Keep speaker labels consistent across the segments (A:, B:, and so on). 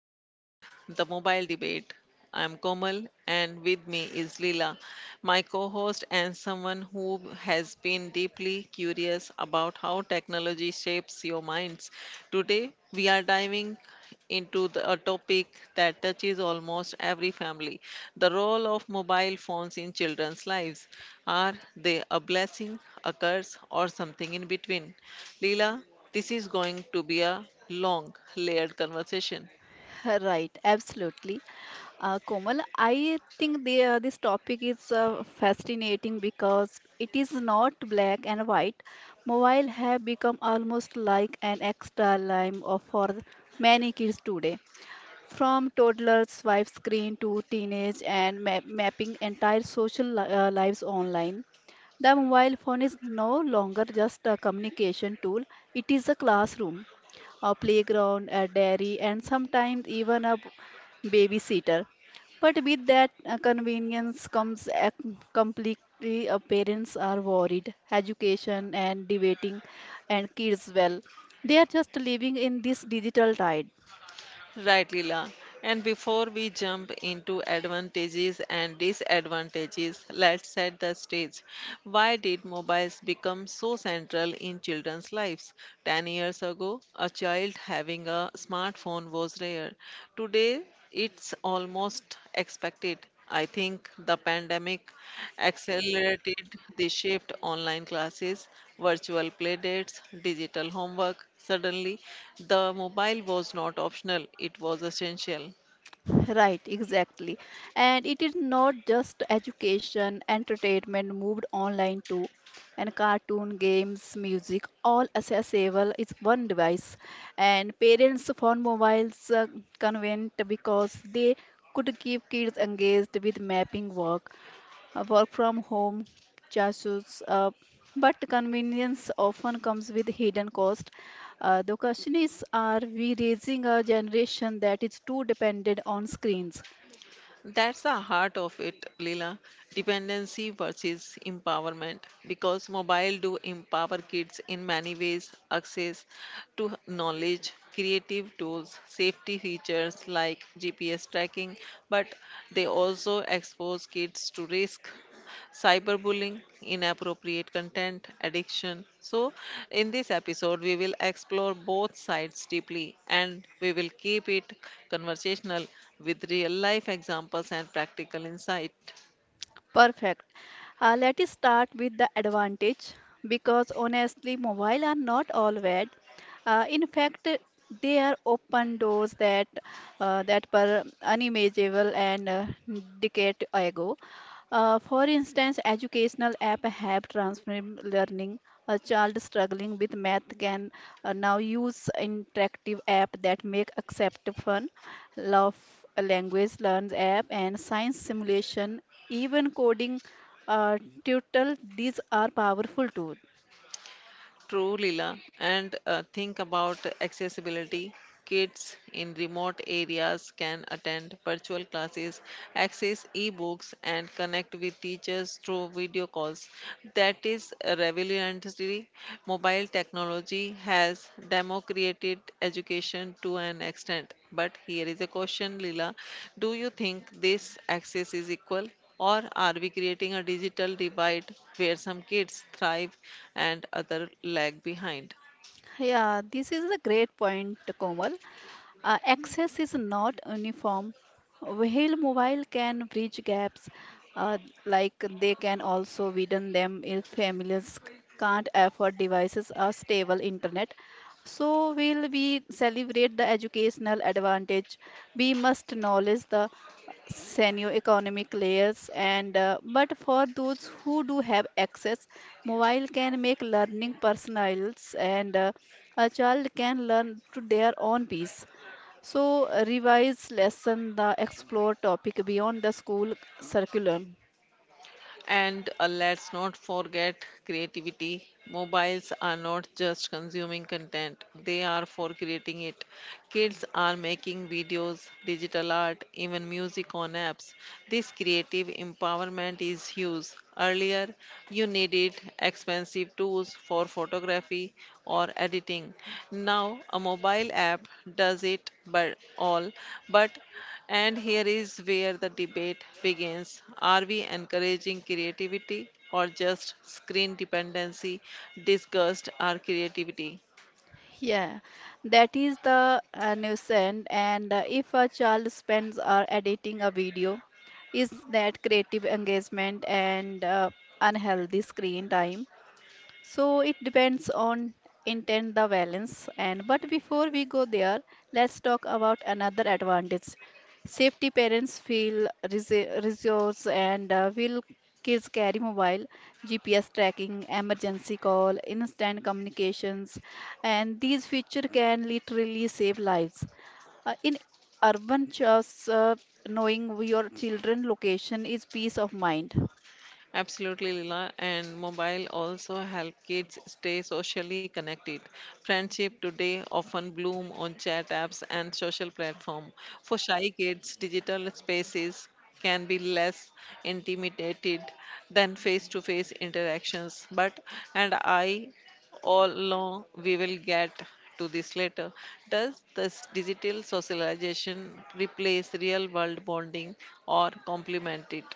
A: Childhood, the mobile debate. I'm Komal and with me is Leela, my co host and someone who has been deeply curious about how technology shapes your minds. Today, we are diving into a topic that touches almost every family, the role of mobile phones in children's lives. Are they a blessing, a curse, or something in between? Leela, this is going to be a long, layered conversation.
B: Right, absolutely. Komal, I think this topic is fascinating because it is not black and white. Mobile have become almost like an extra lime of for many kids today. From toddlers swipe screen to teenage and mapping entire social lives online. The mobile phone is no longer just a communication tool; it is a classroom a playground, a dairy, and sometimes even a babysitter. But with that convenience comes a completely parents are worried, education and debating, and kids well. They are just living in this digital tide.
A: Right, Leela. And before we jump into advantages and disadvantages, let's set the stage. Why did mobiles become so central in children's lives? 10 years ago, a child having a smartphone was rare. Today, it's almost expected. I think the pandemic accelerated the shift: online classes, virtual playdates, digital homework. Suddenly, the mobile was not optional, it was essential.
B: Right, exactly. And it is not just education, entertainment moved online too. And cartoon, games, music, all accessible is one device. And parents found mobiles convenient because they could keep kids engaged with mapping work work from home chassis, uh, but convenience often comes with hidden cost. The question is, are we raising a generation that is too dependent on screens?
A: That's the heart of it, Leela. Dependency versus empowerment. Because mobile do empower kids in many ways: access to knowledge, creative tools, safety features like GPS tracking. But they also expose kids to risk: cyberbullying, inappropriate content, addiction. So, in this episode, we will explore both sides deeply, and we will keep it conversational with real life examples and practical insight.
B: Perfect. Let us start with the advantage because honestly, mobile are not all bad. In fact, they are open doors that were unimaginable and decade ago. For instance, educational app have transformed learning. A child struggling with math can now use interactive app that make accept fun, love language learns app and science simulation even coding uh, tutorial these are powerful tools.
A: True, Leela. And think about accessibility. Kids in remote areas can attend virtual classes, access e-books, and connect with teachers through video calls. That is revolutionary. Mobile technology has democratized education to an extent. But here is a question, Leela. Do you think this access is equal? Or are we creating a digital divide where some kids thrive and other lag behind?
B: Yeah, this is a great point, Komal. Access is not uniform. While mobile can bridge gaps, uh, like they can also widen them if families can't afford devices or stable internet. So, will we celebrate the educational advantage? We must acknowledge the senior economic layers and but for those who do have access mobile can make learning personalized and a child can learn to their own pace. So revise lesson the explore topic beyond the school curriculum.
A: And let's not forget creativity. Mobiles are not just consuming content, they are for creating it. Kids are making videos, digital art, even music on apps. This creative empowerment is huge. Earlier, you needed expensive tools for photography or editing. Now, a mobile app does it but all. But, and here is where the debate begins, are we encouraging creativity or just screen dependency disguised our creativity?
B: Yeah, that is the nuisance. And if a child spends or editing a video, is that creative engagement and unhealthy screen time? So it depends on intent the balance and but before we go there let's talk about another advantage safety parents feel resource and will kids carry mobile gps tracking emergency call instant communications and these feature can literally save lives in urban church knowing your children location is peace of mind.
A: Absolutely, Lila. And mobile also help kids stay socially connected. Friendship today often bloom on chat apps and social platform. For shy kids, digital spaces can be less intimidated than face-to-face interactions. But, and I, all along we will get to this later. Does this digital socialization replace real world bonding or complement it?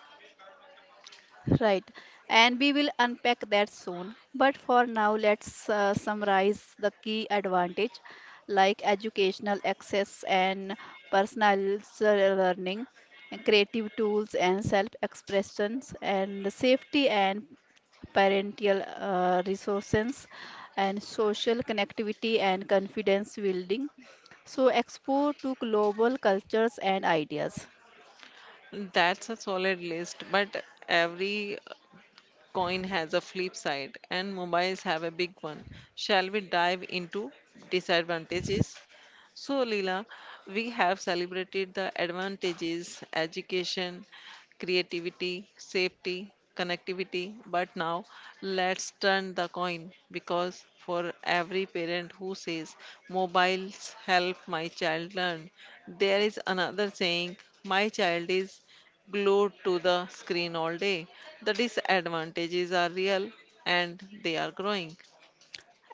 B: Right, and we will unpack that soon. But for now, let's summarize the key advantage like educational access and personalized learning, and creative tools and self-expressions, and safety and parental resources and social connectivity and confidence building so explore to global cultures and ideas.
A: That's a solid list, but every coin has a flip side, and mobiles have a big one. Shall we dive into disadvantages? So, Leela, we have celebrated the advantages: education, creativity, safety, connectivity, but now let's turn the coin, because for every parent who says mobiles help my child learn, there is another saying my child is glued to the screen all day. The disadvantages are real, and they are growing.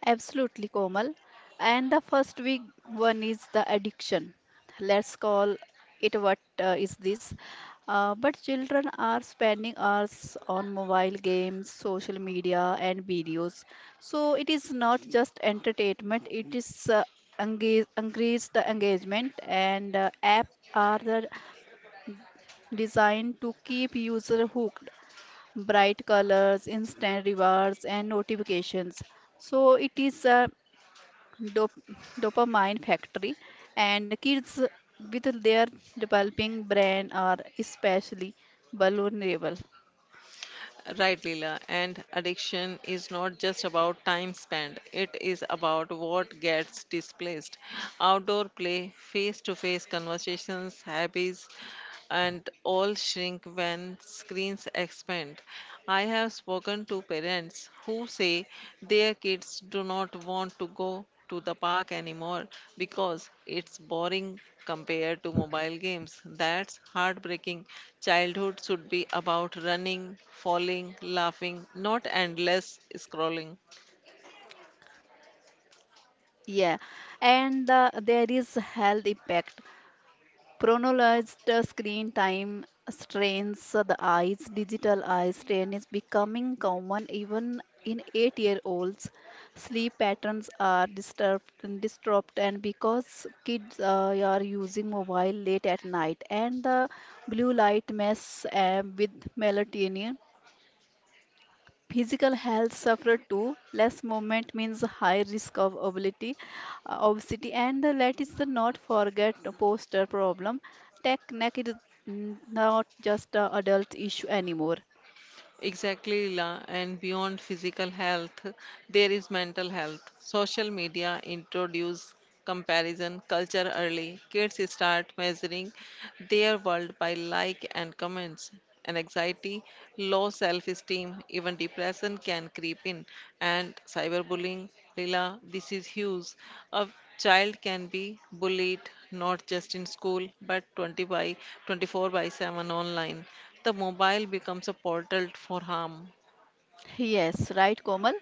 B: Absolutely, Komal. And the first big one is the addiction. Let's call it what is this. But children are spending hours on mobile games, social media, and videos. So it is not just entertainment, it is engage, increase the engagement, and app are the designed to keep user hooked. Bright colors, instant rewards, and notifications. So it is dopamine factory and kids with their developing brain are especially vulnerable.
A: Right, Leela. And addiction is not just about time spent, it is about what gets displaced. Outdoor play, face to face conversations, hobbies, and all shrink when screens expand. I have spoken to parents who say their kids do not want to go to the park anymore because it's boring compared to mobile games. That's heartbreaking. Childhood should be about running, falling, laughing, not endless scrolling.
B: Yeah, and there is health impact. Chronologized screen time strains so the eyes. Digital eye strain is becoming common even in 8-year-olds. Sleep patterns are disturbed and because kids are using mobile late at night and the blue light mess with melatonin physical health suffer too less movement means high risk of obesity and let us not forget the posture problem tech neck is not just a adult issue anymore.
A: Exactly, Leela. And beyond physical health, there is mental health. Social media introduce comparison culture early. Kids start measuring their world by like and comments. And anxiety, low self-esteem, even depression can creep in. And cyberbullying, Leela, this is huge. A child can be bullied not just in school but 20 by 24 by 7 online, the mobile becomes a portal for harm.
B: Yes, right, Komal.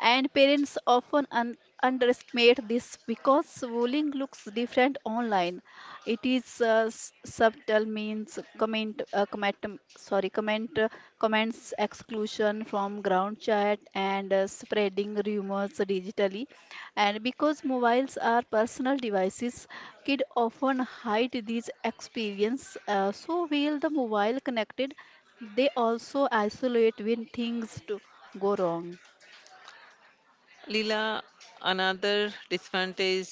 B: And parents often underestimate this because bullying looks different online. It is subtle, means sorry, comment, uh, comments exclusion from ground chat and spreading rumors digitally. And because mobiles are personal devices, kids often hide these experience. So while the mobile connected, they also isolate when things do go wrong.
A: Leela, another disadvantage,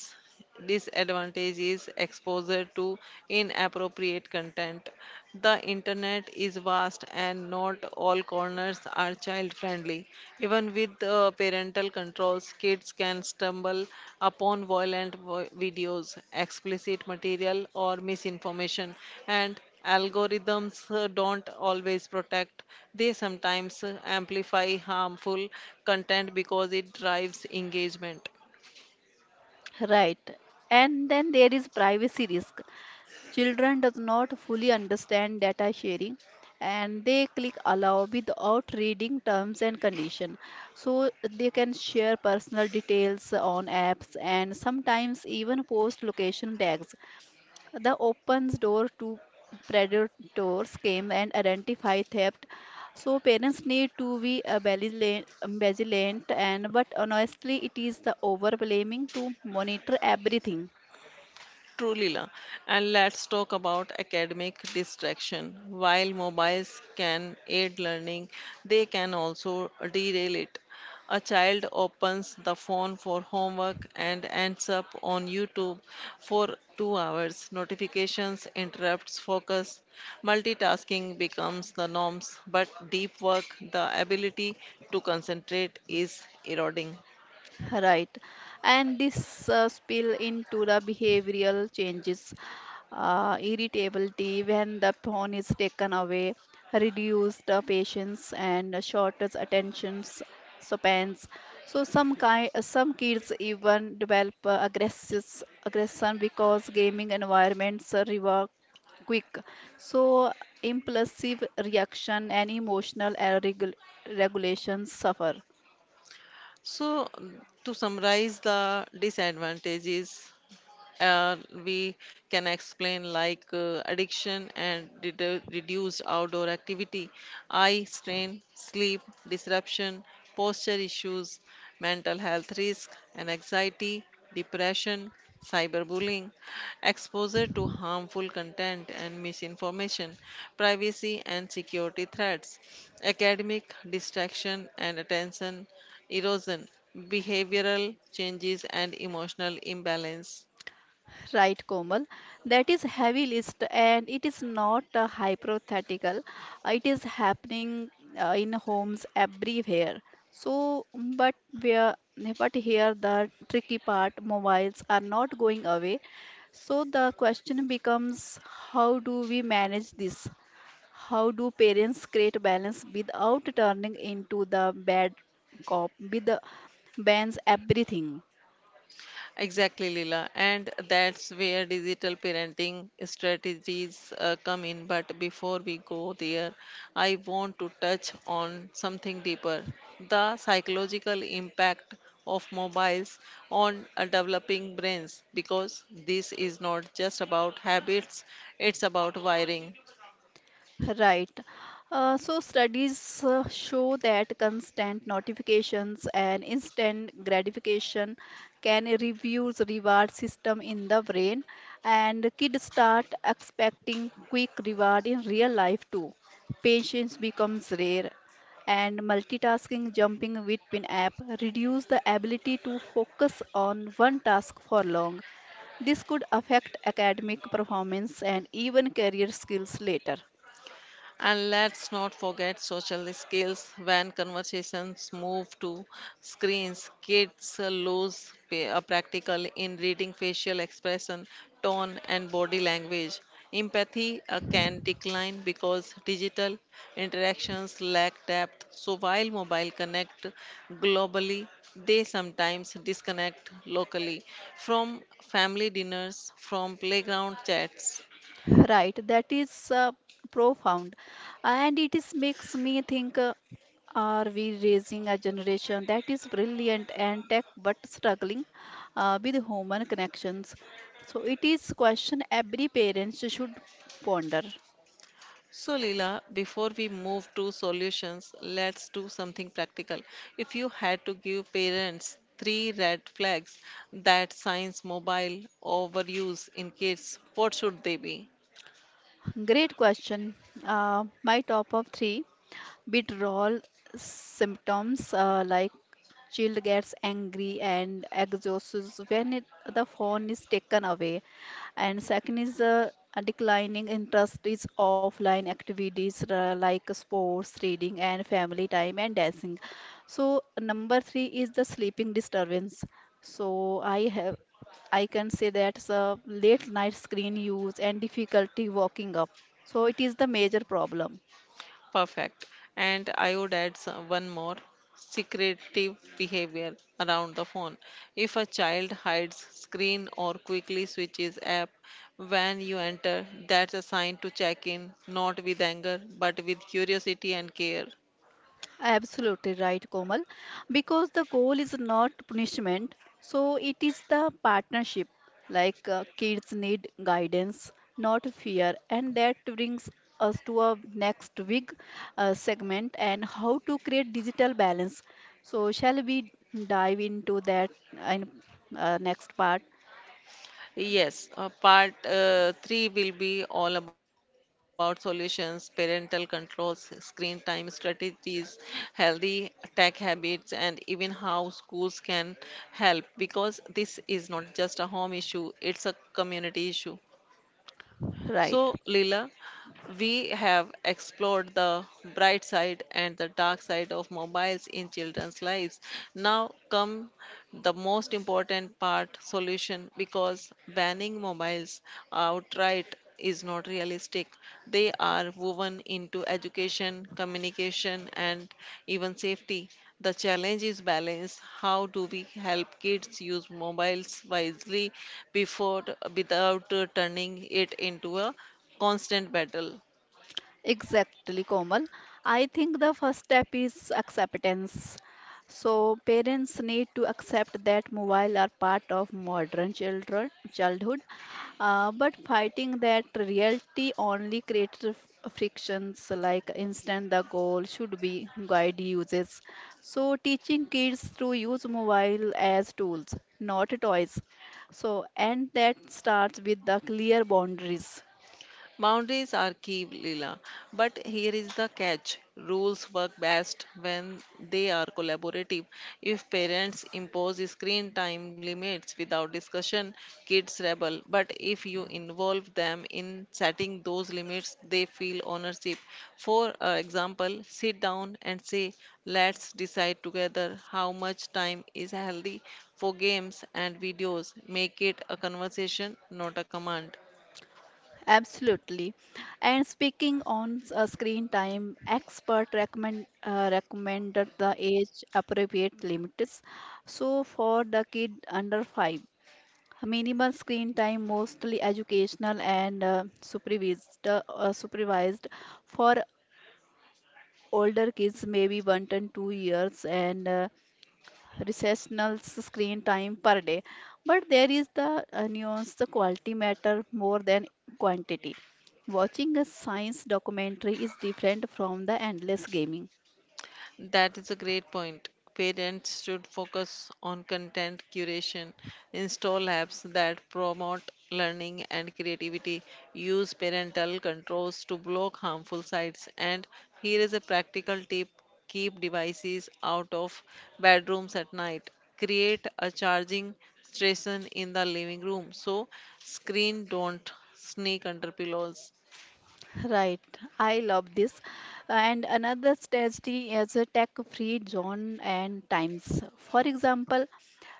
A: disadvantage is exposure to inappropriate content. The internet is vast and not all corners are child friendly. Even with parental controls, kids can stumble upon videos, explicit material, or misinformation, and algorithms don't always protect, they sometimes amplify harmful content because it drives engagement.
B: Right. And then there is privacy risk. Children does not fully understand data sharing and they click allow without reading terms and condition. So they can share personal details on apps and sometimes even post location tags. The opens door to predators came and identify theft. So parents need to be vigilant and but honestly it is the over blaming to monitor everything.
A: Truly, la. And let's talk about academic distraction. While mobiles can aid learning, they can also derail it. A child opens the phone for homework and ends up on YouTube for 2 hours. Notifications interrupts focus. Multitasking becomes the norms, but deep work, the ability to concentrate, is eroding.
B: Right. And this spill into the behavioral changes, irritability when the phone is taken away, reduced patience and shortest attentions spans. So some kids even develop aggressive aggression because gaming environments reward quick. So impulsive reaction and emotional regulations suffer.
A: So, to summarize the disadvantages, uh, we can explain like addiction and reduced outdoor activity, eye strain, sleep disruption, posture issues, mental health risk, and anxiety, depression, cyberbullying, exposure to harmful content and misinformation, privacy and security threats, academic distraction and attention erosion, behavioral changes, and emotional imbalance.
B: Right, Komal. That is heavy list, and it is not a hypothetical. It is happening in homes everywhere. So, but where, but here the tricky part, mobiles are not going away. So the question becomes, how do we manage this? How do parents create balance without turning into the bad cop with the bans everything?
A: Exactly, Leela. And that's where digital parenting strategies come in. But before we go there, I want to touch on something deeper, the psychological impact of mobiles on developing brains, because this is not just about habits, it's about wiring.
B: Right. So studies show that constant notifications and instant gratification can reduce reward system in the brain, and kids start expecting quick reward in real life too. Patience becomes rare, and multitasking, jumping between app reduce the ability to focus on one task for long. This could affect academic performance and even career skills later.
A: And let's not forget social skills when conversations move to screens. Kids practical in reading facial expression, tone, and body language. Empathy can decline because digital interactions lack depth. So while mobile connect globally, they sometimes disconnect locally from family dinners, from playground chats.
B: Right, that is profound and it is makes me think are we raising a generation that is brilliant and tech but struggling with human connections so it is question every parent should ponder.
A: So, Leela, before we move to solutions, let's do something practical. If you had to give parents three red flags that signs mobile overuse in kids, what should they be?
B: Great question. My top of three withdrawal symptoms like child gets angry and exhausts when the phone is taken away. And second is a declining interest is offline activities like sports, reading, and family time and dancing. So number three is the sleeping disturbance. So I have. I can say that's a late night screen use and difficulty waking up. So it is the major problem.
A: Perfect. And I would add one more: secretive behavior around the phone. If a child hides screen or quickly switches app when you enter, that's a sign to check in, not with anger, but with curiosity and care.
B: Absolutely right, Komal. Because the goal is not punishment, so it is the partnership. Like kids need guidance, not fear, and that brings us to our next big segment and how to create digital balance. So shall we dive into that in next part?
A: Yes, part three will be all about solutions: parental controls, screen time strategies, healthy tech habits, and even how schools can help, because this is not just a home issue, it's a community issue. So,
B: Right.
A: Leela, we have explored the bright side and the dark side of mobiles in children's lives. Now, come the most important part, solution, because banning mobiles outright is not realistic. They are woven into education, communication, and even safety. The challenge is balance. How do we help kids use mobiles wisely before, without turning it into a constant battle?
B: Exactly, Komal. I think the first step is acceptance. So parents need to accept that mobile are part of modern children childhood, but fighting that reality only creates frictions like instant the goal should be guide uses. So teaching kids to use mobile as tools, not toys. So and that starts with the clear boundaries.
A: Boundaries are key, Leela. But here is the catch: rules work best when they are collaborative. If parents impose screen time limits without discussion, kids rebel. But if you involve them in setting those limits, they feel ownership. For example, sit down and say, "Let's decide together how much time is healthy for games and videos." Make it a conversation, not a command.
B: Absolutely. And speaking on screen time, expert recommended the age appropriate limits. So for the kid under five, minimal screen time mostly educational and supervised for older kids maybe 1 to 2 years and recessional screen time per day. But there is the nuance, the quality matter more than quantity. Watching a science documentary is different from the endless gaming.
A: That is a great point. Parents should focus on content curation, install apps that promote learning and creativity, use parental controls to block harmful sites, and here is a practical tip: keep devices out of bedrooms at night. Create a charging station in the living room so screen don't sneak under pillows.
B: Right, I love this. And another strategy is a tech free zone and times. For example,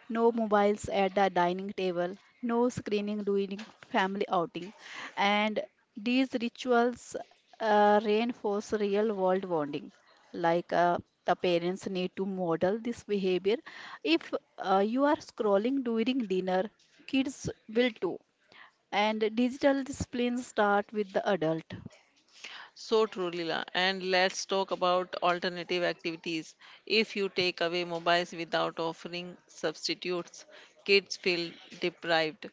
B: no mobiles at the dining table, no screening during family outing, and these rituals reinforce real world bonding. Like the parents need to model this behavior. If you are scrolling during dinner, kids will too. And digital disciplines start with the adult.
A: So true, Leela. And let's talk about alternative activities. If you take away mobiles without offering substitutes, kids feel deprived.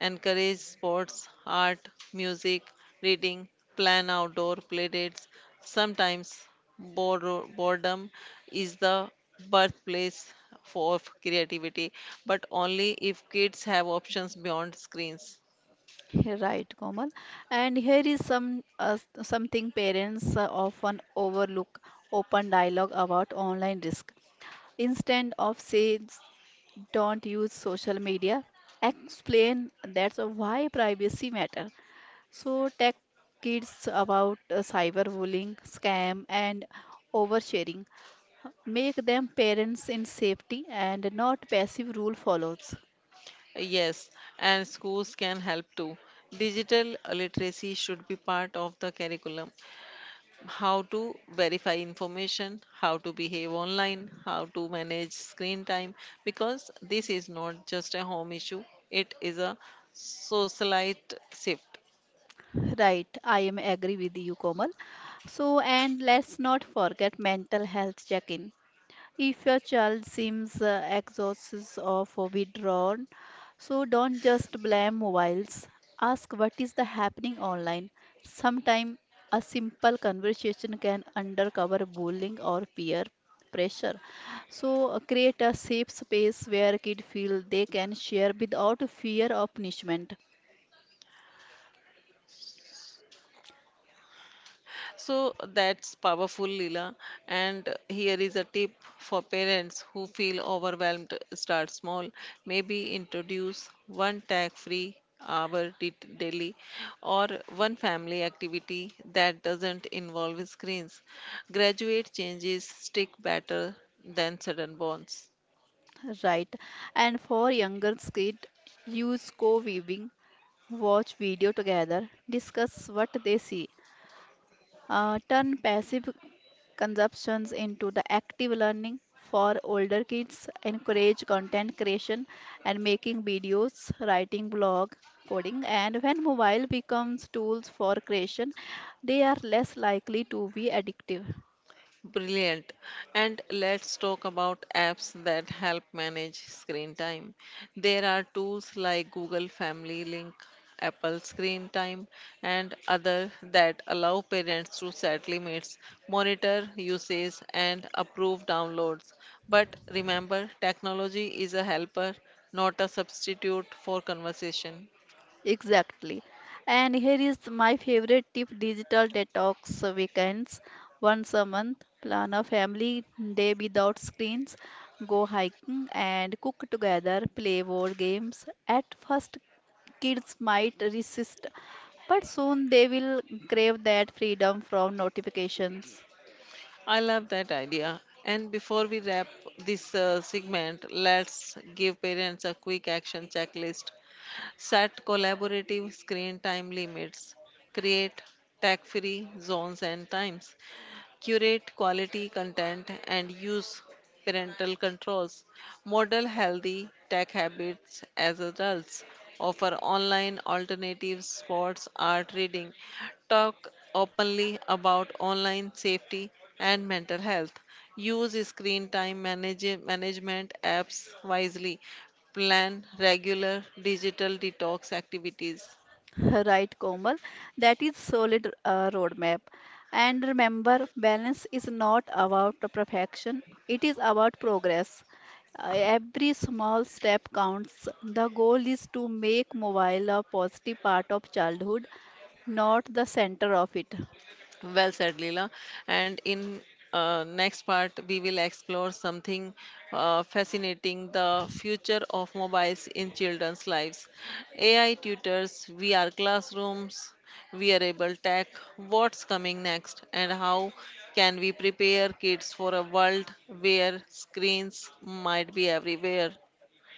A: Encourage sports, art, music, reading, plan outdoor play dates. Sometimes boredom is the birthplace for of creativity, but only if kids have options beyond screens.
B: Right, Komal. And here is some something parents often overlook: open dialogue about online risk. Instead of says don't use social media, explain that's why privacy matter. So tech kids about cyberbullying, scam and oversharing. Make them parents in safety and not passive rule follows.
A: Yes, and schools can help too. Digital literacy should be part of the curriculum: how to verify information, how to behave online, how to manage screen time, because this is not just a home issue, it is a socialite shift.
B: Right, I am agree with you, Komal. So and let's not forget mental health check-in. If your child seems exhausted or withdrawn, so don't just blame mobiles. Ask what is the happening online. Sometimes a simple conversation can uncover bullying or peer pressure. So create a safe space where kids feel they can share without fear of punishment.
A: So that's powerful, Leela. And here is a tip for parents who feel overwhelmed. Start small. Maybe introduce one tag free hour daily, or one family activity that doesn't involve screens. Graduate changes stick better than sudden bonds.
B: Right. And for younger kids, use co-viewing, watch video together, discuss what they see turn passive consumptions into the active learning for older kids, encourage content creation and making videos, writing blog, coding and when mobile becomes tools for creation, they are less likely to be addictive.
A: Brilliant. And let's talk about apps that help manage screen time. There are tools like Google Family Link, Apple Screen Time, and other that allow parents to set limits, monitor usage, and approve downloads. But remember, technology is a helper, not a substitute for conversation.
B: Exactly. And here is my favorite tip digital detox weekends. once a month, plan a family day without screens, go hiking and cook together, play board games. At first, kids might resist, but soon they will crave that freedom from notifications.
A: I love that idea. And before we wrap this segment, let's give parents a quick action checklist. Set collaborative screen time limits. Create tech free zones and times, curate quality content, and use parental controls. Model healthy tech habits as adults. Offer online alternatives: sports, art, reading. Talk openly about online safety and mental health. Use screen time management apps wisely. Plan regular digital detox activities.
B: Right, Komal. That is solid roadmap. And remember, balance is not about the perfection. It is about progress. Every small step counts. The goal is to make mobile a positive part of childhood, not the center of it.
A: Well said, Leela. And in next part, we will explore something fascinating: the future of mobiles in children's lives. AI tutors, VR classrooms, wearable tech. What's coming next, and how can we prepare kids for a world where screens might be everywhere?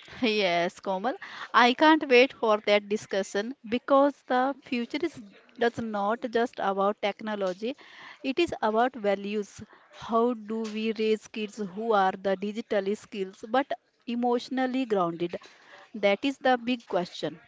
B: Yes, Komal. I can't wait for that discussion because the future is that's not just about technology. It is about values. How do we raise kids who are the digitally skills but emotionally grounded? That is the big question.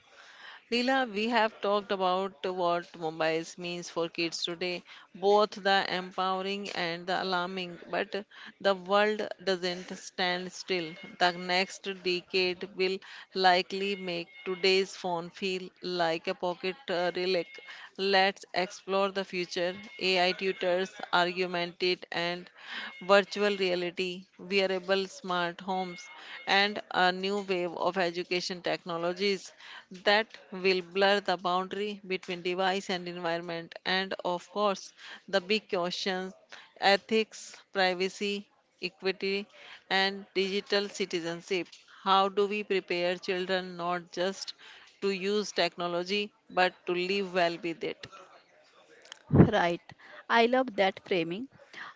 A: Leela, we have talked about what mobiles means for kids today, both the empowering and the alarming, but the world doesn't stand still. The next decade will likely make today's phone feel like a pocket relic. Let's explore the future: AI tutors, augmented and virtual reality, wearable smart homes, and a new wave of education technologies that will blur the boundary between device and environment. And of course, the big questions: ethics, privacy, equity, and digital citizenship. How do we prepare children not just to use technology but to live well with it?
B: Right. I love that framing.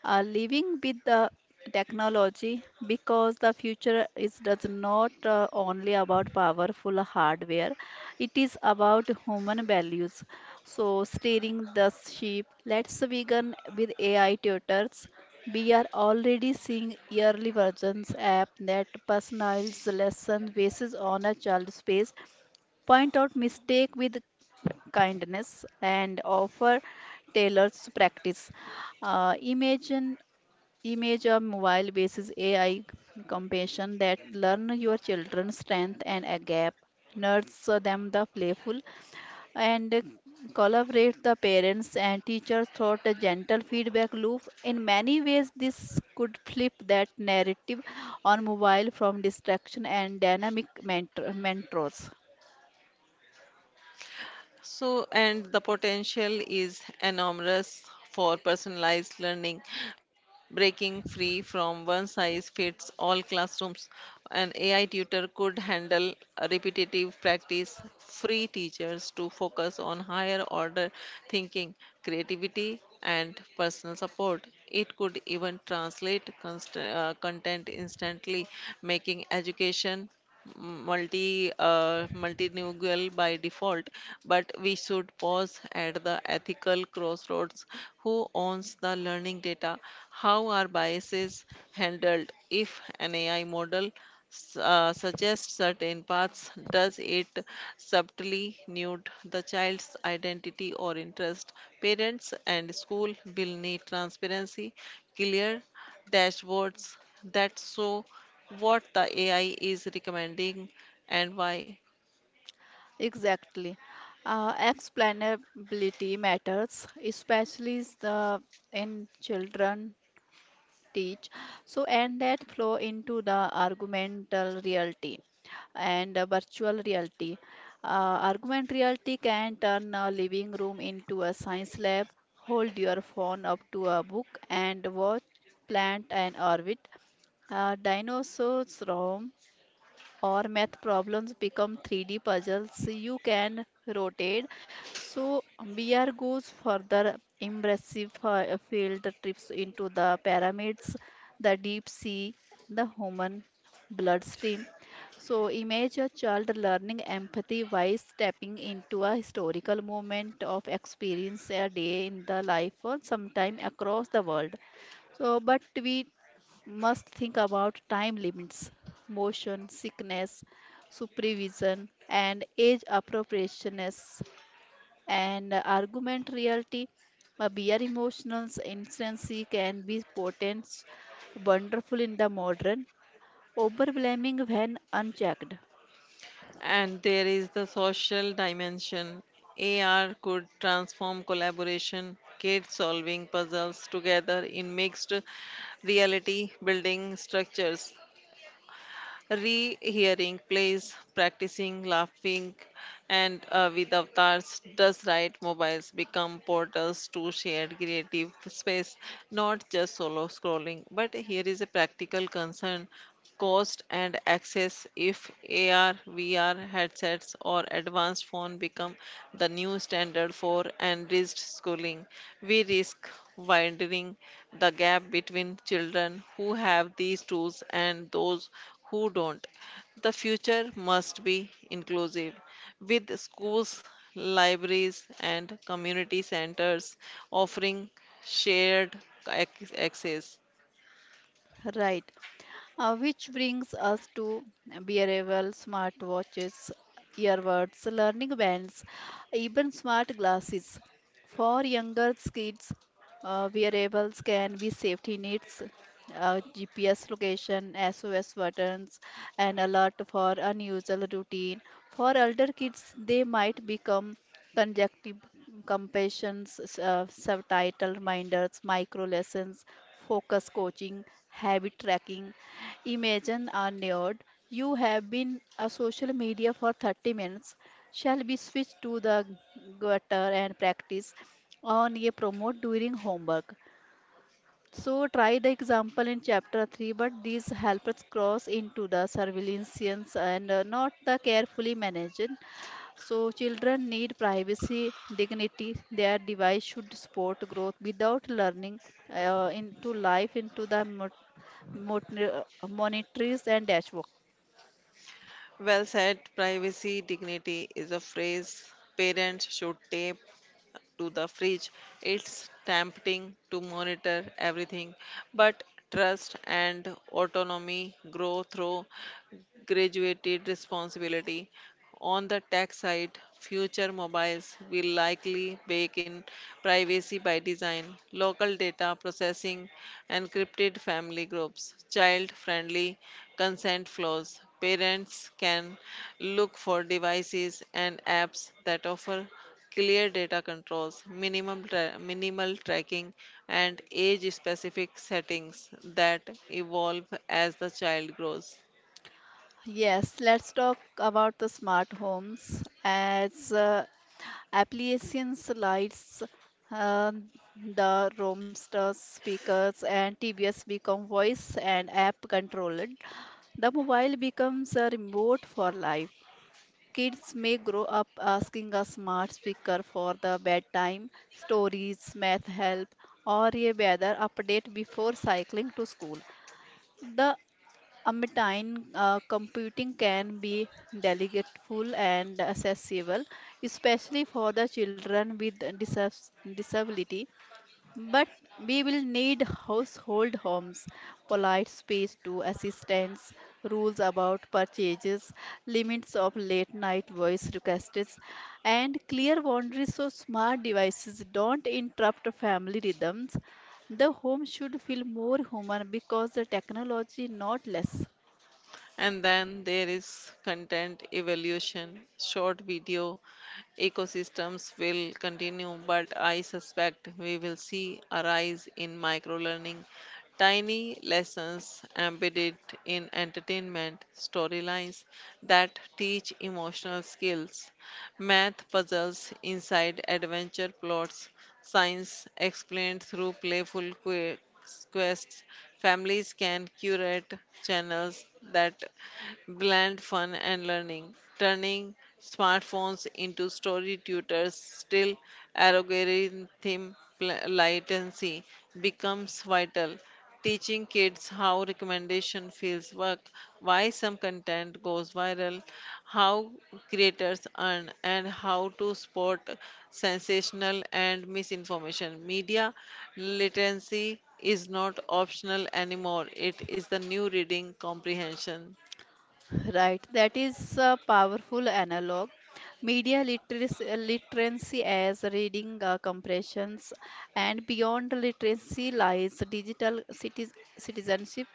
B: Living with the technology because the future is does not only about powerful hardware. It is about human values. So steering the ship. Let's begin with AI tutors. We are already seeing early versions app that personalize lesson basis on a child's pace, point out mistake with kindness and offer tailored practice. Imagine image a mobile basis AI compassion that learn your children's strength and a gap, nurse them the playful and collaborate the parents and teachers through a gentle feedback loop. In many ways, this could flip that narrative on mobile from distraction and dynamic mentors.
A: So, and the potential is enormous for personalized learning, breaking free from one size fits all classrooms. An AI tutor could handle repetitive practice, free teachers to focus on higher order thinking, creativity, and personal support. It could even translate content instantly, making education multilingual by default. But we should pause at the ethical crossroads. Who owns the learning data? How are biases handled? If an AI model suggests certain paths, does it subtly nude the child's identity or interest? Parents and school will need transparency, clear dashboards that show what the AI is recommending and why.
B: Exactly. Explainability matters, especially the in children teach. So, and that flow into the argumental reality and virtual reality. Argument reality can turn a living room into a science lab, hold your phone up to a book, and watch plant and orbit. Dinosaurs roam, or math problems become 3D puzzles you can rotate. So BR goes further impressive field trips into the pyramids, the deep sea, the human bloodstream. So image a child learning empathy by stepping into a historical moment of experience a day in the life or sometime across the world. So but we must think about time limits, motion sickness, supervision, and age appropriateness and argument reality. A beer emotional instancy can be potent, wonderful in the modern, overwhelming when unchecked.
A: And there is the social dimension. AR could transform collaboration, kids solving puzzles together in mixed reality, building structures, rehearing plays, practicing, laughing, and with avatars. Does right mobiles become portals to shared creative space, not just solo scrolling? But here is a practical concern: cost and access. If AR, VR headsets or advanced phone become the new standard for enriched schooling, we risk widening the gap between children who have these tools and those who don't. The future must be inclusive, with schools, libraries and community centers offering shared access.
B: Right. Which brings us to wearable smartwatches, earbuds, learning bands, even smart glasses. For younger kids, wearables can be safety needs, GPS location, SOS buttons, and alert for unusual routine. For older kids, they might become conjunctive compassions, subtitle reminders, micro lessons, focus coaching, habit tracking. Imagine are neared. You have been a social media for 30 minutes. Shall we switch to the gutter and practice on a promote during homework? So try the example in chapter 3, but these helpers cross into the surveillance and not the carefully managed. So children need privacy, dignity. Their device should support growth without learning into life, into the monitors and dashboard.
A: Well said, privacy dignity is a phrase parents should tape to the fridge. It's tempting to monitor everything, but trust and autonomy grow through graduated responsibility. On the tech side, future mobiles will likely bake in privacy by design, local data processing, encrypted family groups, child friendly consent flows. Parents can look for devices and apps that offer clear data controls, minimal tracking, and age-specific settings that evolve as the child grows.
B: Yes, let's talk about the smart homes as applications, lights, uh, the roamsters, speakers, and TBS become voice and app controlled. The mobile becomes a remote for life. Kids may grow up asking a smart speaker for the bedtime, stories, math help, or a weather update before cycling to school. The Amityville computing can be delegateful and accessible, especially for the children with disability. But we will need household homes, polite space to assistance, rules about purchases, limits of late night voice requests, and clear boundaries so smart devices don't interrupt family rhythms. The home should feel more human because the technology not less.
A: And then there is content evolution. Short video ecosystems will continue, but I suspect we will see a rise in micro learning, tiny lessons embedded in entertainment storylines that teach emotional skills, math puzzles inside adventure plots, science explained through playful quests. Families can curate channels that blend fun and learning, turning smartphones into story tutors. Still, algorithm latency becomes vital. Teaching kids how recommendation fields work, why some content goes viral, how creators earn, and how to spot sensational and misinformation. Media literacy is not optional anymore, it is the new reading comprehension.
B: Right, that is a powerful analog. Media literacy, literacy as reading compressions, and beyond literacy lies digital citizenship.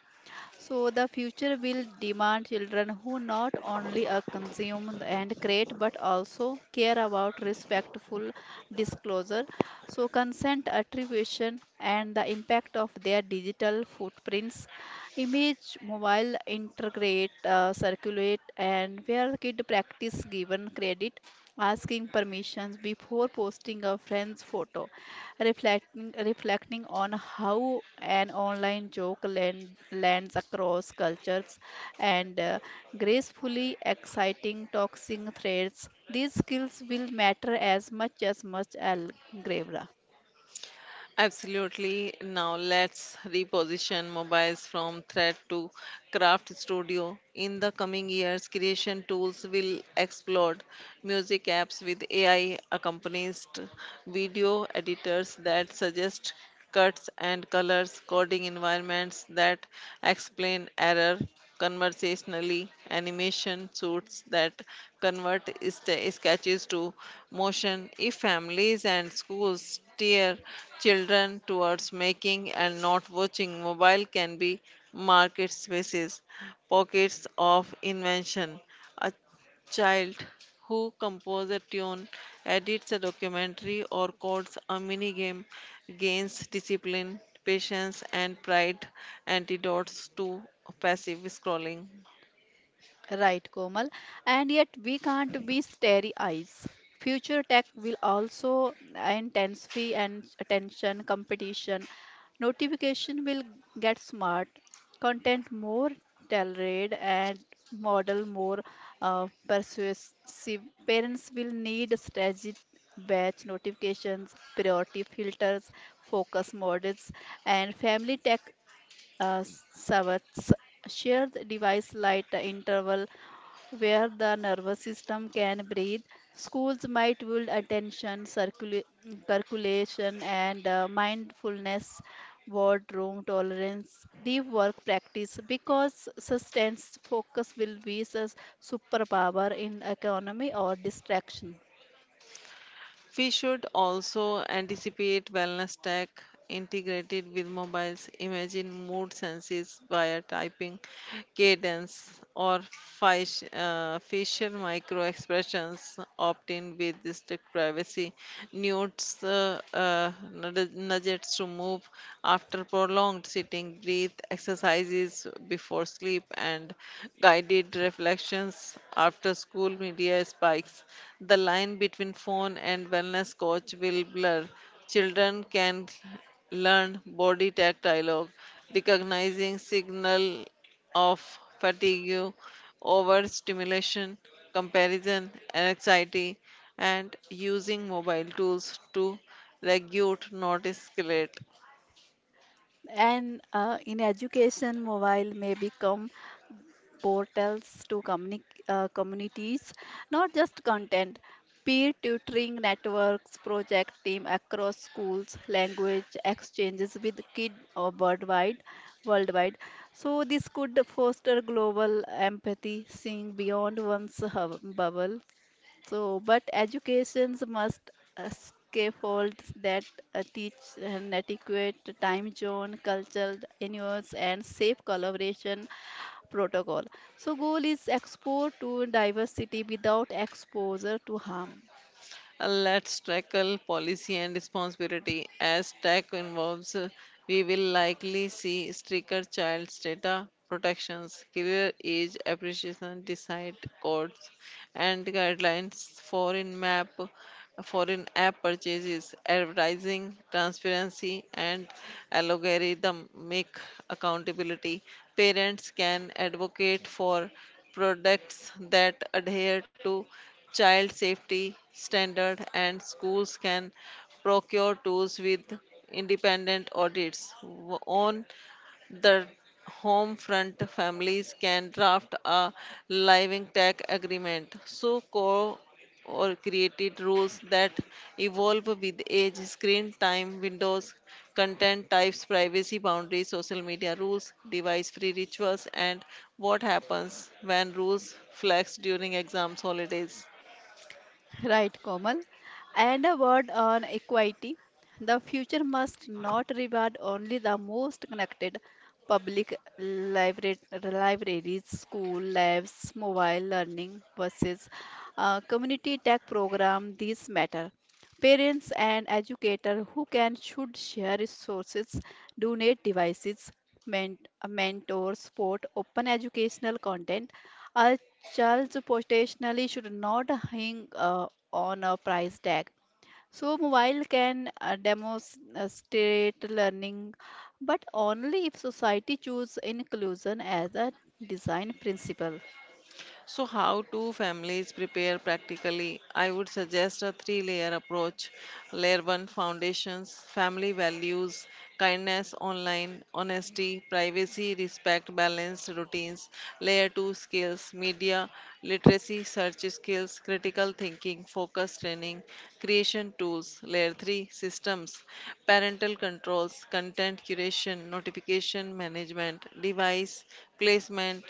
B: So the future will demand children who not only consume and create but also care about respectful disclosure. So consent attribution and the impact of their digital footprints, image, mobile, integrate, circulate, and where kid practice given credit asking permissions before posting a friend's photo, reflecting on how an online joke lands across cultures, and gracefully exciting toxic threads. These skills will matter as much as algebra.
A: Absolutely. Now let's reposition mobiles from threat to craft studio. In the coming years, creation tools will explode. Music apps with AI accompanies, video editors that suggest cuts and colors, coding environments that explain error conversationally, animation suits that convert sketches to motion. If families and schools steer children towards making and not watching, mobile can be market spaces, pockets of invention. A child who composes a tune, edits a documentary, or codes a mini game gains discipline, patience, and pride, antidotes to passive scrolling.
B: Right, Komal. And yet we can't be starry eyes. Future tech will also intensify and attention competition. Notification will get smart, content more tailored and model more persuasive. Parents will need strategic batch notifications, priority filters, focus models, and family tech uh, servers. Shared device light interval where the nervous system can breathe. Schools might build attention, circulation, and mindfulness, boardroom tolerance, deep work practice because sustained focus will be a superpower in economy or distraction.
A: We should also anticipate wellness tech integrated with mobiles. Imagine mood senses via typing, cadence, or facial micro expressions. Opt in with district privacy. Nudes, uh, uh, Nudges to move after prolonged sitting, breathe, exercise exercises before sleep, and guided reflections after school media spikes. The line between phone and wellness coach will blur. Children can learn body tactile, recognizing signal of fatigue, overstimulation, comparison, and anxiety, and using mobile tools to regulate, not escalate.
B: And in education, mobile may become portals to communities, not just content. Peer tutoring networks, project team across schools, language exchanges with kid or worldwide, worldwide. So this could foster global empathy, seeing beyond one's bubble. So, but educations must scaffolds that teach an adequate time zone, cultural nuance, and safe collaboration protocol. So, goal is exposure to diversity without exposure to harm.
A: Let's tackle policy and responsibility. As tech involves, we will likely see stricter child's data protections, clear age appreciation decide codes, and guidelines for in map foreign app purchases, advertising, transparency, and algorithmic accountability. Parents can advocate for products that adhere to child safety standard and schools can procure tools with independent audits. On the home front, families can draft a living tech agreement. So co or created rules that evolve with age, screen time, windows, content types, privacy boundaries, social media rules, device free rituals, and what happens when rules flex during exams, holidays.
B: Right, Komal. And a word on equity. The future must not reward only the most connected public libraries, school labs, mobile learning buses, community tech program. These matter. Parents and educators who can should share resources, donate devices, mentor, support open educational content Charles potentially should not hang on a price tag. So mobile can demonstrate learning, but only if society choose inclusion as a design principle.
A: So, how do families prepare practically? I would suggest a three layer approach. Layer one, foundations: family values, kindness online, honesty, privacy, respect, balanced routines. Layer two, skills: media, literacy, search skills, critical thinking, focus training, creation tools. Layer three, systems: parental controls, content curation, notification management, device placement,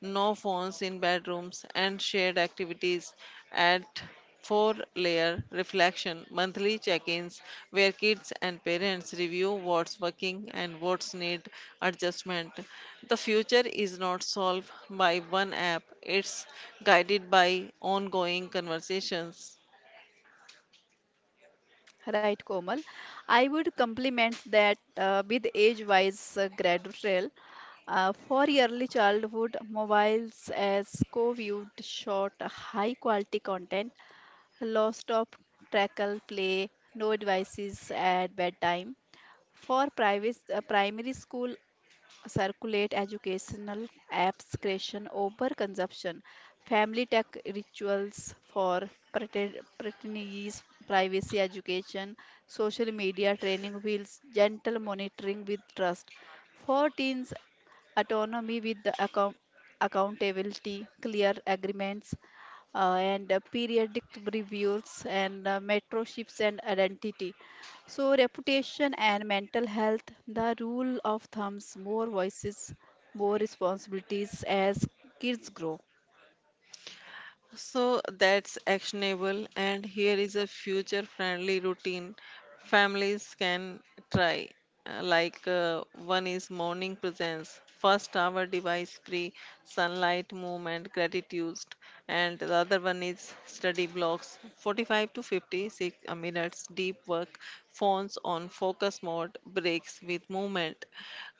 A: no phones in bedrooms, and shared activities at four layer reflection monthly check ins where kids and parents review what's working and what's need adjustment. The future is not solved by one app, it's guided by ongoing conversations.
B: Right, Komal? I would complement that with age-wise gradual for early childhood mobiles as co-viewed short high quality content Lost of tackle play, no devices at bedtime. For primary school, circulate educational apps creation over consumption family tech rituals for pretentious privacy education social media training wheels gentle monitoring with trust for teens autonomy with the accountability clear agreements and periodic reviews and metro shifts and identity so, reputation and mental health, the rule of thumbs, more voices, more responsibilities as kids grow.
A: So that's actionable, and here is a future friendly routine families can try. One is morning presence, first hour device free, sunlight movement, gratitude, and the other one is study blocks, 45 to 56 minutes deep work, phones on focus mode, breaks with movement.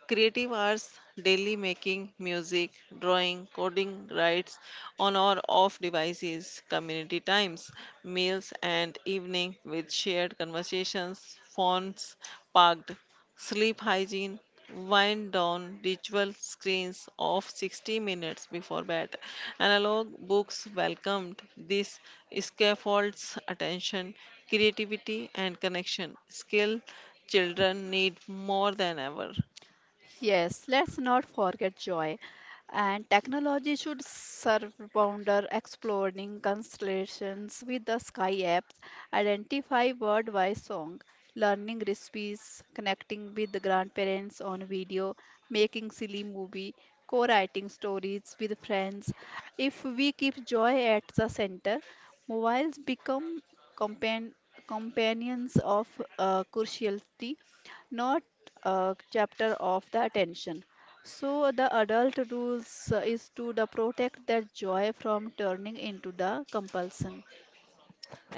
A: Creative hours, daily making music, drawing, coding, writes on or off devices. Community times, meals and evening with shared conversations, phones parked. Sleep hygiene, wind down ritual, screens off 60 minutes before bed. Analog books welcomed. This scaffolds attention, creativity and connection. Skill children need more than ever.
B: Yes, let's not forget joy. And technology should serve Bounder exploring constellations with the Sky apps, identify word by song, learning recipes, connecting with the grandparents on video, making silly movie, co-writing stories with friends. If we keep joy at the center, mobiles become compan companions of curiosity, not chapter of the attention. So the adult rules is to the protect that joy from turning into the compulsion.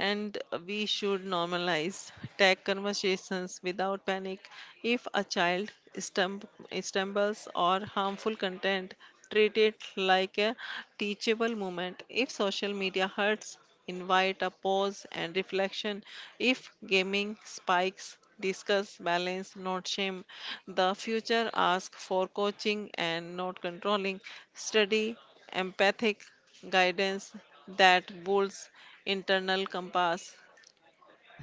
A: And we should normalize tech conversations without panic. If a child stumbles or harmful content, treat it like a teachable moment. If social media hurts, invite a pause and reflection. If gaming spikes, discuss balance, not shame. The future asks for coaching and not controlling. Study empathic guidance that builds internal compass.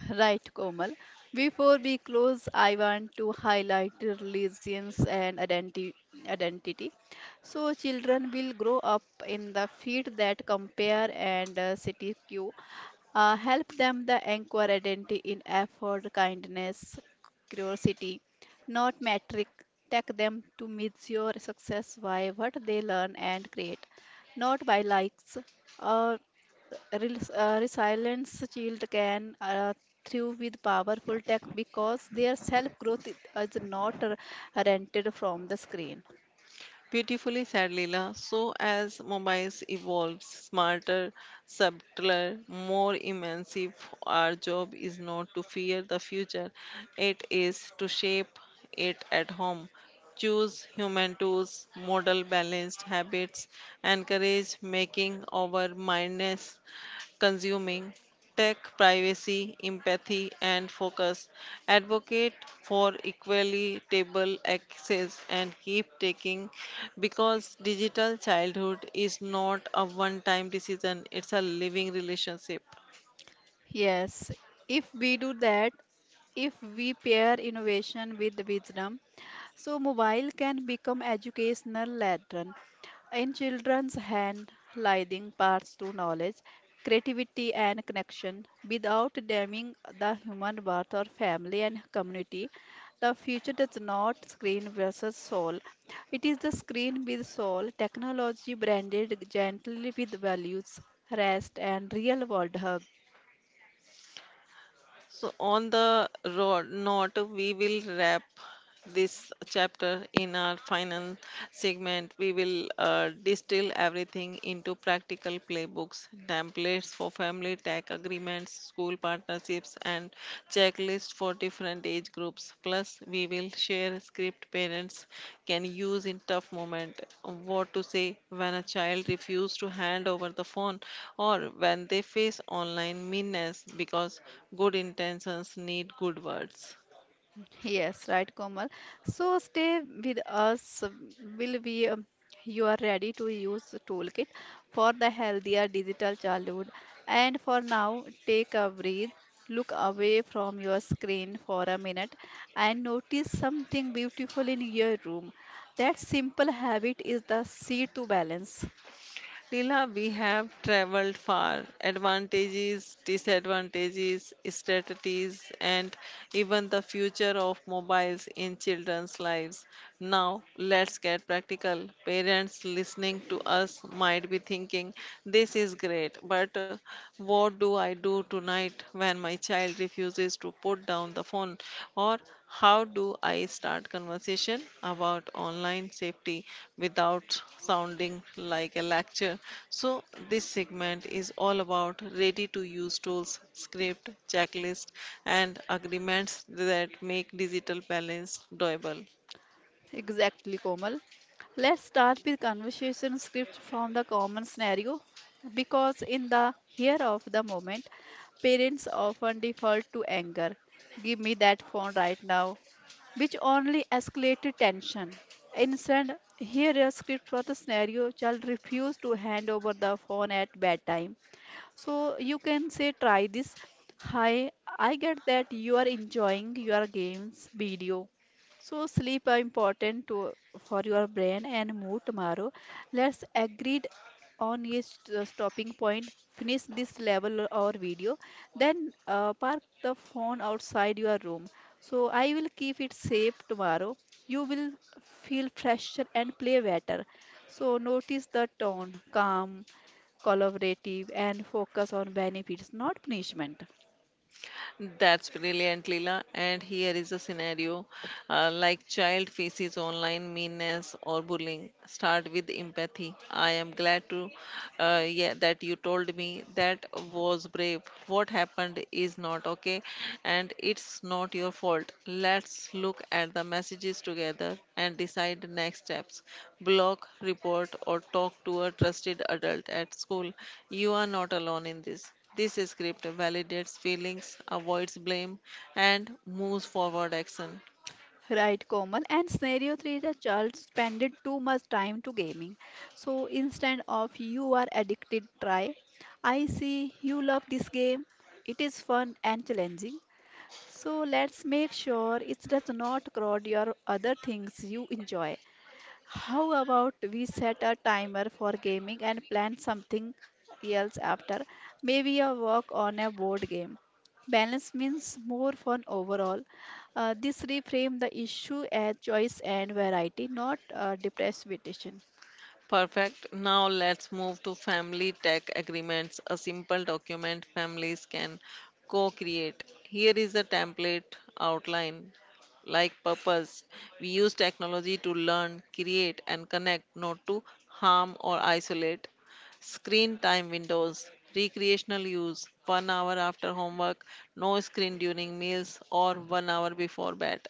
B: Right, Komal. Before we close, I want to highlight religions and identity. So, children will grow up in the field that compare and city queue. Help them the anchor identity in effort, kindness, curiosity, not metric. Take them to measure success by what they learn and create, not by likes or resilience Child can through with powerful tech because their self growth is not rented from the screen.
A: Beautifully said, Leela. So, as mobiles evolve, smarter, subtler, more immersive, our job is not to fear the future, it is to shape it at home. Choose human tools, model balanced habits, encourage making our mindness consuming tech privacy, empathy, and focus, advocate for equitable access, and keep taking because digital childhood is not a one time decision, it's a living relationship.
B: Yes, if we do that, if we pair innovation with wisdom, so mobile can become educational lantern in children's hand, leading paths to knowledge, creativity, and connection. Without damaging the human worth or family and community, the future does not screen versus soul. It is the screen with soul technology branded gently with values, rest, and real world hug.
A: So, on the road note, we will wrap this chapter in our final segment. We will distill everything into practical playbooks, templates for family tech agreements, school partnerships, and checklists playlist for different age groups. Plus, we will share script parents can use in tough moment. What to say when a child refuses to hand over the phone or when they face online meanness, because good intentions need good words.
B: Yes, right, Komal. So stay with us. Will we? You are ready to use toolkit for the healthier digital childhood. And for now, take a breath, look away from your screen for a minute, and notice something beautiful in your room. That simple habit is the seed to balance.
A: Leela, we have traveled far. Advantages, disadvantages, strategies, and even the future of mobiles in children's lives. Now, let's get practical. Parents listening to us might be thinking, this is great, but what do I do tonight when my child refuses to put down the phone? Or how do I start conversation about online safety without sounding like a lecture? So this segment is all about ready to use tools, script, checklist and agreements that make digital balance doable.
B: Exactly, Komal. Let's start with conversation script from the common scenario because in the here of the moment, parents often default to anger. Give me that phone right now, which only escalated tension. Instead, here a script for the scenario child refused to hand over the phone at bedtime so you can say, try this. Hi, I get that you are enjoying your games video. So sleep are important to, for your brain and mood tomorrow. Let's agreed on a stopping point. Finish this level or video, then park the phone outside your room. So I will keep it safe tomorrow. You will feel fresher and play better. So notice the tone, calm, collaborative, and focus on benefits, not punishment.
A: That's brilliant, Leela. And here is a scenario like child faces online meanness or bullying. Start with empathy. I am glad to yeah that you told me, that was brave. What happened is not okay, and it's not your fault. Let's look at the messages together and decide next steps. Block, report, or talk to a trusted adult at school. You are not alone in this. This script validates feelings, avoids blame, and moves forward action.
B: Right, Komal. And scenario three, the child spended too much time to gaming. So instead of you are addicted, try. I see you love this game. It is fun and challenging. So let's make sure it does not crowd your other things you enjoy. How about we set a timer for gaming and plan something else after? Maybe a work on a board game. Balance means more fun overall. This reframe the issue as choice and variety, not depreciation.
A: Perfect. Now let's move to family tech agreements, a simple document families can co create. Here is a template outline. Like purpose, we use technology to learn, create, and connect, not to harm or isolate. Screen time windows, recreational use, one hour after homework, no screen during meals, or one hour before bed.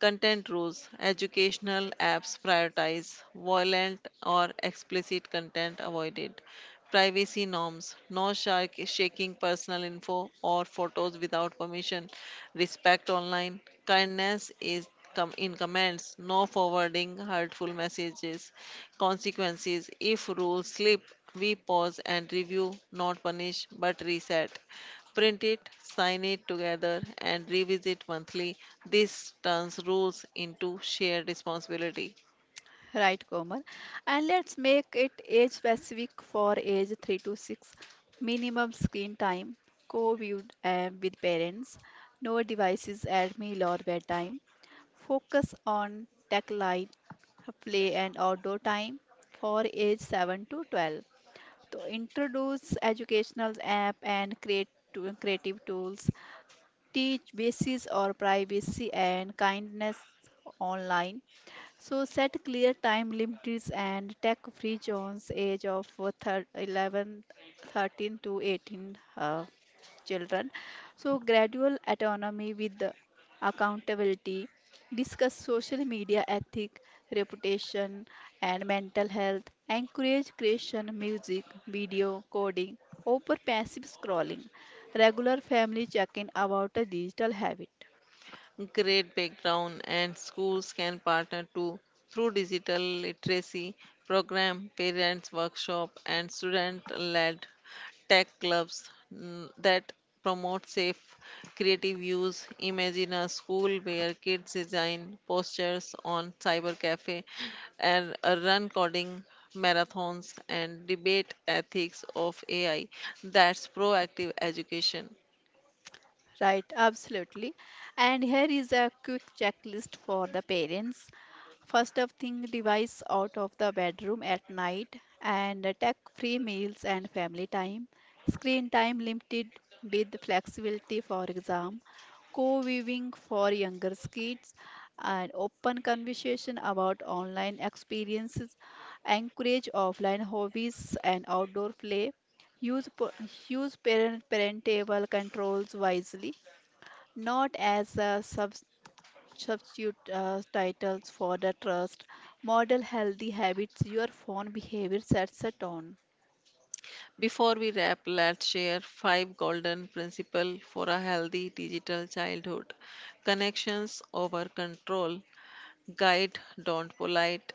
A: Content rules, educational apps prioritize, violent or explicit content avoided. Privacy norms, no shark shaking personal info or photos without permission. Respect online. Kindness is in comments, no forwarding hurtful messages. Consequences, if rules slip, we pause and review, not punish but reset. Print it, sign it together, and revisit monthly. This turns rules into shared responsibility.
B: Right, Komal. And let's make it age specific for age 3 to 6. Minimum screen time, co viewed with parents, no devices at meal or bedtime. Focus on tech light, play and outdoor time for age 7 to 12. To introduce educational app and creative tools. Teach basis or privacy and kindness online. So set clear time limits and tech-free zones age of 11, 13 to 18 children. So gradual autonomy with the accountability. Discuss social media ethic, reputation, and mental health. Encourage creation, music, video, coding over passive scrolling. Regular family check-in about a digital habit.
A: Great background, and schools can partner too through digital literacy program, parents workshop and student led tech clubs, mm, that promote safe creative use. Imagine a school where kids design posters on cyber cafe and run coding marathons and debate ethics of AI. That's proactive education.
B: Right, absolutely. And here is a quick checklist for the parents. First of thing, device out of the bedroom at night and tech-free meals and family time. Screen time limited with flexibility for exam. Co-viewing for younger kids and open conversation about online experiences. Encourage offline hobbies and outdoor play. Use, pa- use parentable controls wisely, not as a substitute titles for the trust model healthy habits your phone behavior sets a tone.
A: Before we wrap, let's share five golden principles for a healthy digital childhood. Connections over control. Guide, don't polite.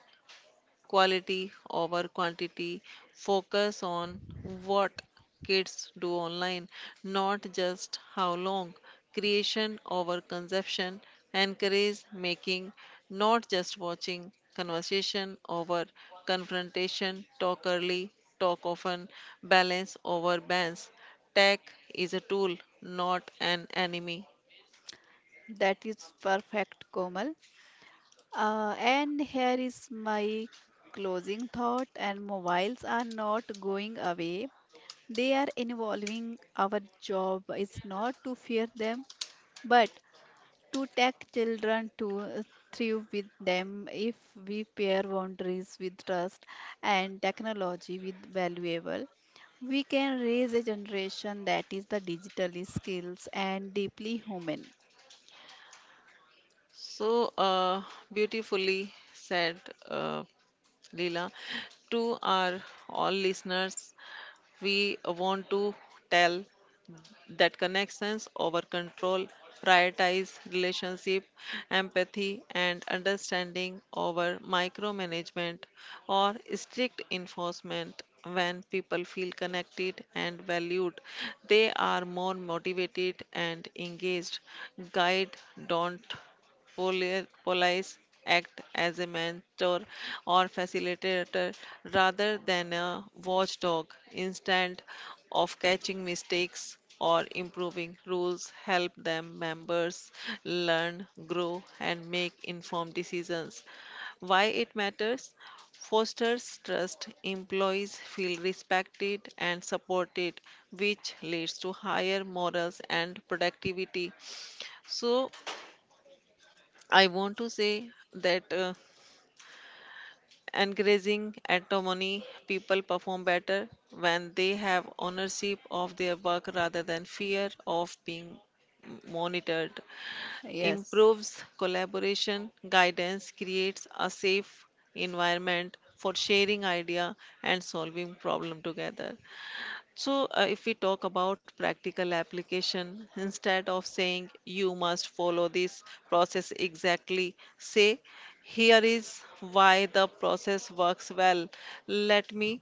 A: Quality over quantity, focus on what kids do online, not just how long. Creation over consumption, encourage making, not just watching. Conversation over confrontation, talk early, talk often. Balance over bans. Tech is a tool, not an enemy.
B: That is perfect, Komal. And here is my closing thought and mobiles are not going away they are involving our job is not to fear them but to take children to uh, thrive with them if we pair boundaries with trust and technology with valuable we can raise a generation that is the digitally skills and deeply human.
A: So beautifully said. Uh, Leela. To our all listeners, we want to tell that connections over control, prioritize relationship, empathy, and understanding over micromanagement or strict enforcement. When people feel connected and valued, they are more motivated and engaged. Guide, don't police. Act as a mentor or facilitator rather than a watchdog. Instead of catching mistakes or improving rules, help them members learn, grow, and make informed decisions. Why it matters? Fosters trust, employees feel respected and supported, which leads to higher morals and productivity. So, I want to say that encouraging autonomy, people perform better when they have ownership of their work rather than fear of being monitored.
B: Yes.
A: Improves collaboration, guidance creates a safe environment for sharing idea and solving problem together. So, if we talk about practical application, instead of saying you must follow this process exactly, say here is why the process works well. Let me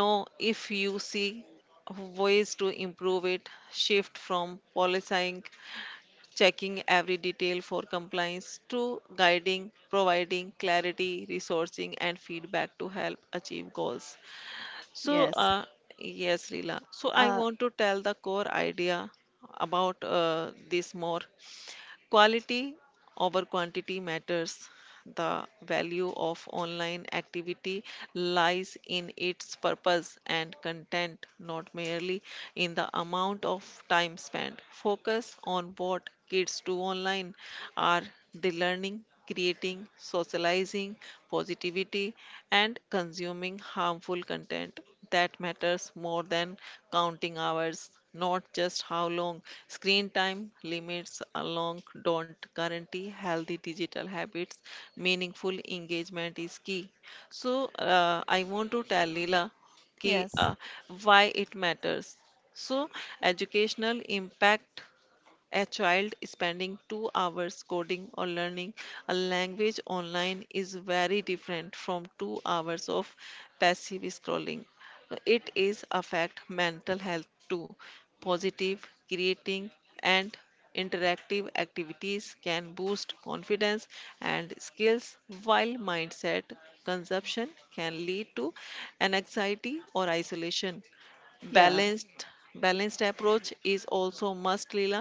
A: know if you see ways to improve it. Shift from policing, checking every detail for compliance, to guiding, providing clarity, resourcing, and feedback to help achieve goals. So,
B: Yes.
A: uh, yes, Leela. So, I
B: uh
A: want to tell the core idea about this more. Quality over quantity matters. The value of online activity lies in its purpose and content, not merely in the amount of time spent. Focus on what kids do online, are they learning, creating, socializing, positivity, and consuming harmful content? That matters more than counting hours, not just how long. Screen time limits alone don't guarantee healthy digital habits. Meaningful engagement is key. I want to tell Leela ki,
B: yes.
A: uh, why it matters. So, educational impact, a child spending 2 hours coding or learning a language online is very different from 2 hours of passive scrolling. It is affect mental health too. Positive, creating, and interactive activities can boost confidence and skills, while mindset consumption can lead to an anxiety or isolation.
B: Yeah.
A: balanced Balanced approach is also must, Leela.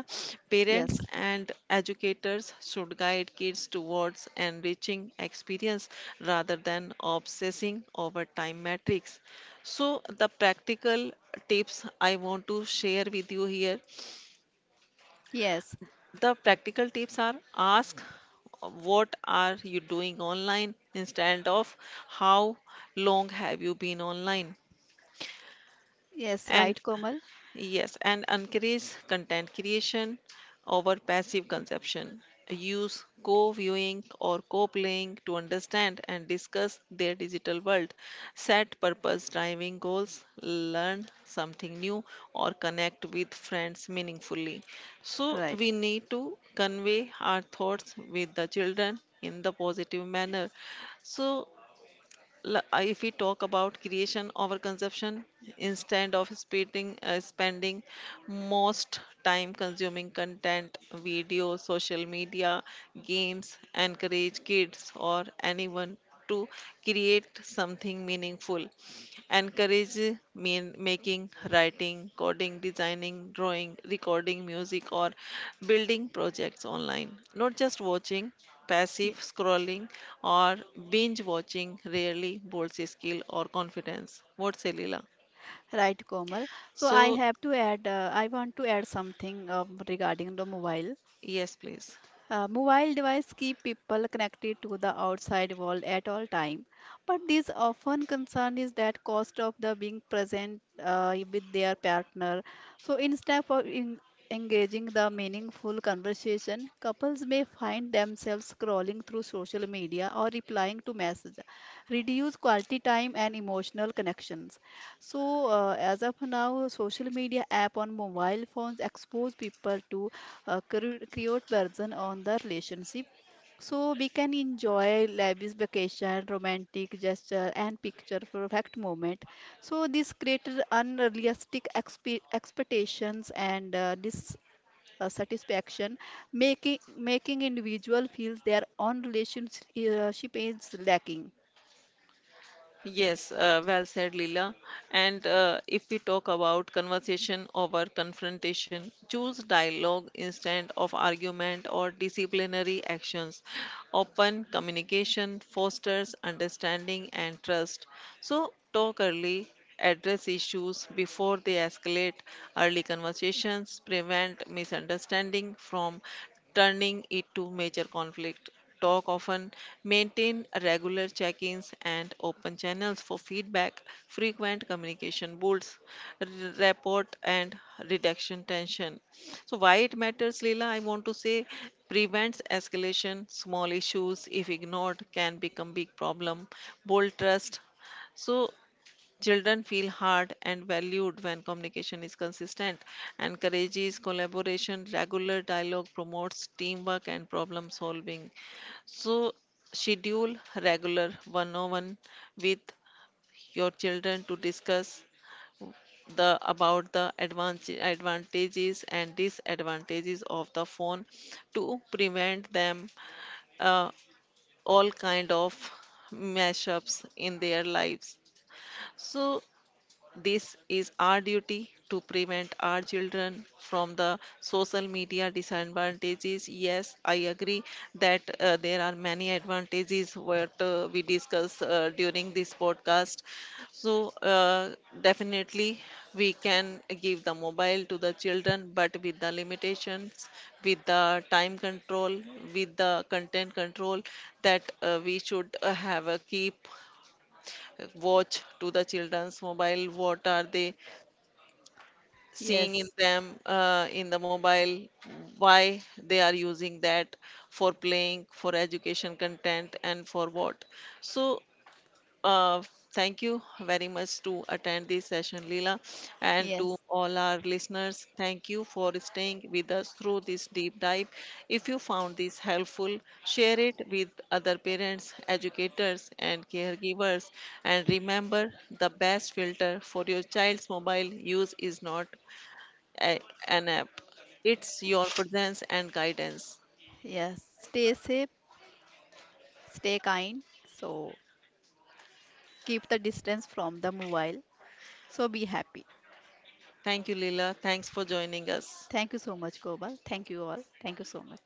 A: Parents
B: Yes.
A: and educators should guide kids towards enriching experience rather than obsessing over time metrics. So the practical tips I want to share with you here,
B: Yes.
A: the practical tips are, ask what are you doing online instead of how long have you been online.
B: Yes.
A: And
B: Right, Komal.
A: yes, and encourage content creation over passive consumption. Use co viewing or co playing to understand and discuss their digital world. Set purpose driving goals, learn something new, or connect with friends meaningfully. So,
B: Right.
A: we need to convey our thoughts with the children in the positive manner. So, if we talk about creation over consumption, instead of spending most time consuming content, video, social media, games, encourage kids or anyone to create something meaningful. Encourage mean making, writing, coding, designing, drawing, recording music, or building projects online. Not just watching, passive
B: Ye-
A: scrolling, or binge watching rarely builds skill or confidence. What's say, Leela?
B: right, Komal. So I
A: So,
B: have to add, I want to add something regarding the mobile.
A: yes, please.
B: Mobile devices keep people connected to the outside world at all time, but this often concern is that cost of the being present with their partner. So instead of engaging the meaningful conversation, couples may find themselves scrolling through social media or replying to messages, reduce quality time and emotional connections. So as of now, social media app on mobile phones expose people to create version on the relationship so we can enjoy lavish vacation romantic gesture and picture perfect moment so this created unrealistic expectations and satisfaction making individual feel their own relationship is lacking.
A: Yes, well said, Leela. And if we talk about conversation over confrontation, choose dialogue instead of argument or disciplinary actions. Open communication fosters understanding and trust. So, talk early, address issues before they escalate. Early conversations prevent misunderstanding from turning it to major conflict. Talk often, maintain regular check ins and open channels for feedback. Frequent communication builds r- rapport and reduction tension. So, why it matters, Leela? I want to say, prevents escalation, small issues, if ignored, can become big problem, bold trust. So, children feel heard and valued when communication is consistent, encourages collaboration, regular dialogue promotes teamwork and problem solving. So, schedule regular one on one with your children to discuss the about the advantage, advantages and disadvantages of the phone to prevent them uh, all kind of mashups in their lives. So this is our duty to prevent our children from the social media disadvantages. Yes, I agree that there are many advantages what we discuss during this podcast. So, uh, Definitely, we can give the mobile to the children, but with the limitations, with the time control, with the content control, that we should have a keep watch to the children's mobile, what are they seeing in
B: Yes.
A: them in the mobile, why they are using that, for playing, for education content, and for what. so uh, Thank you very much to attend this session, Leela. And to
B: Yes.
A: all our listeners, thank you for staying with us through this deep dive. If you found this helpful, share it with other parents, educators and caregivers. And remember, the best filter for your child's mobile use is not a- an app. It's your presence and guidance.
B: Yes, stay safe, stay kind. So keep the distance from the mobile, so be happy.
A: Thank you, Leela. Thanks for joining us.
B: Thank you so much, Gobal. Thank you all. Thank you so much.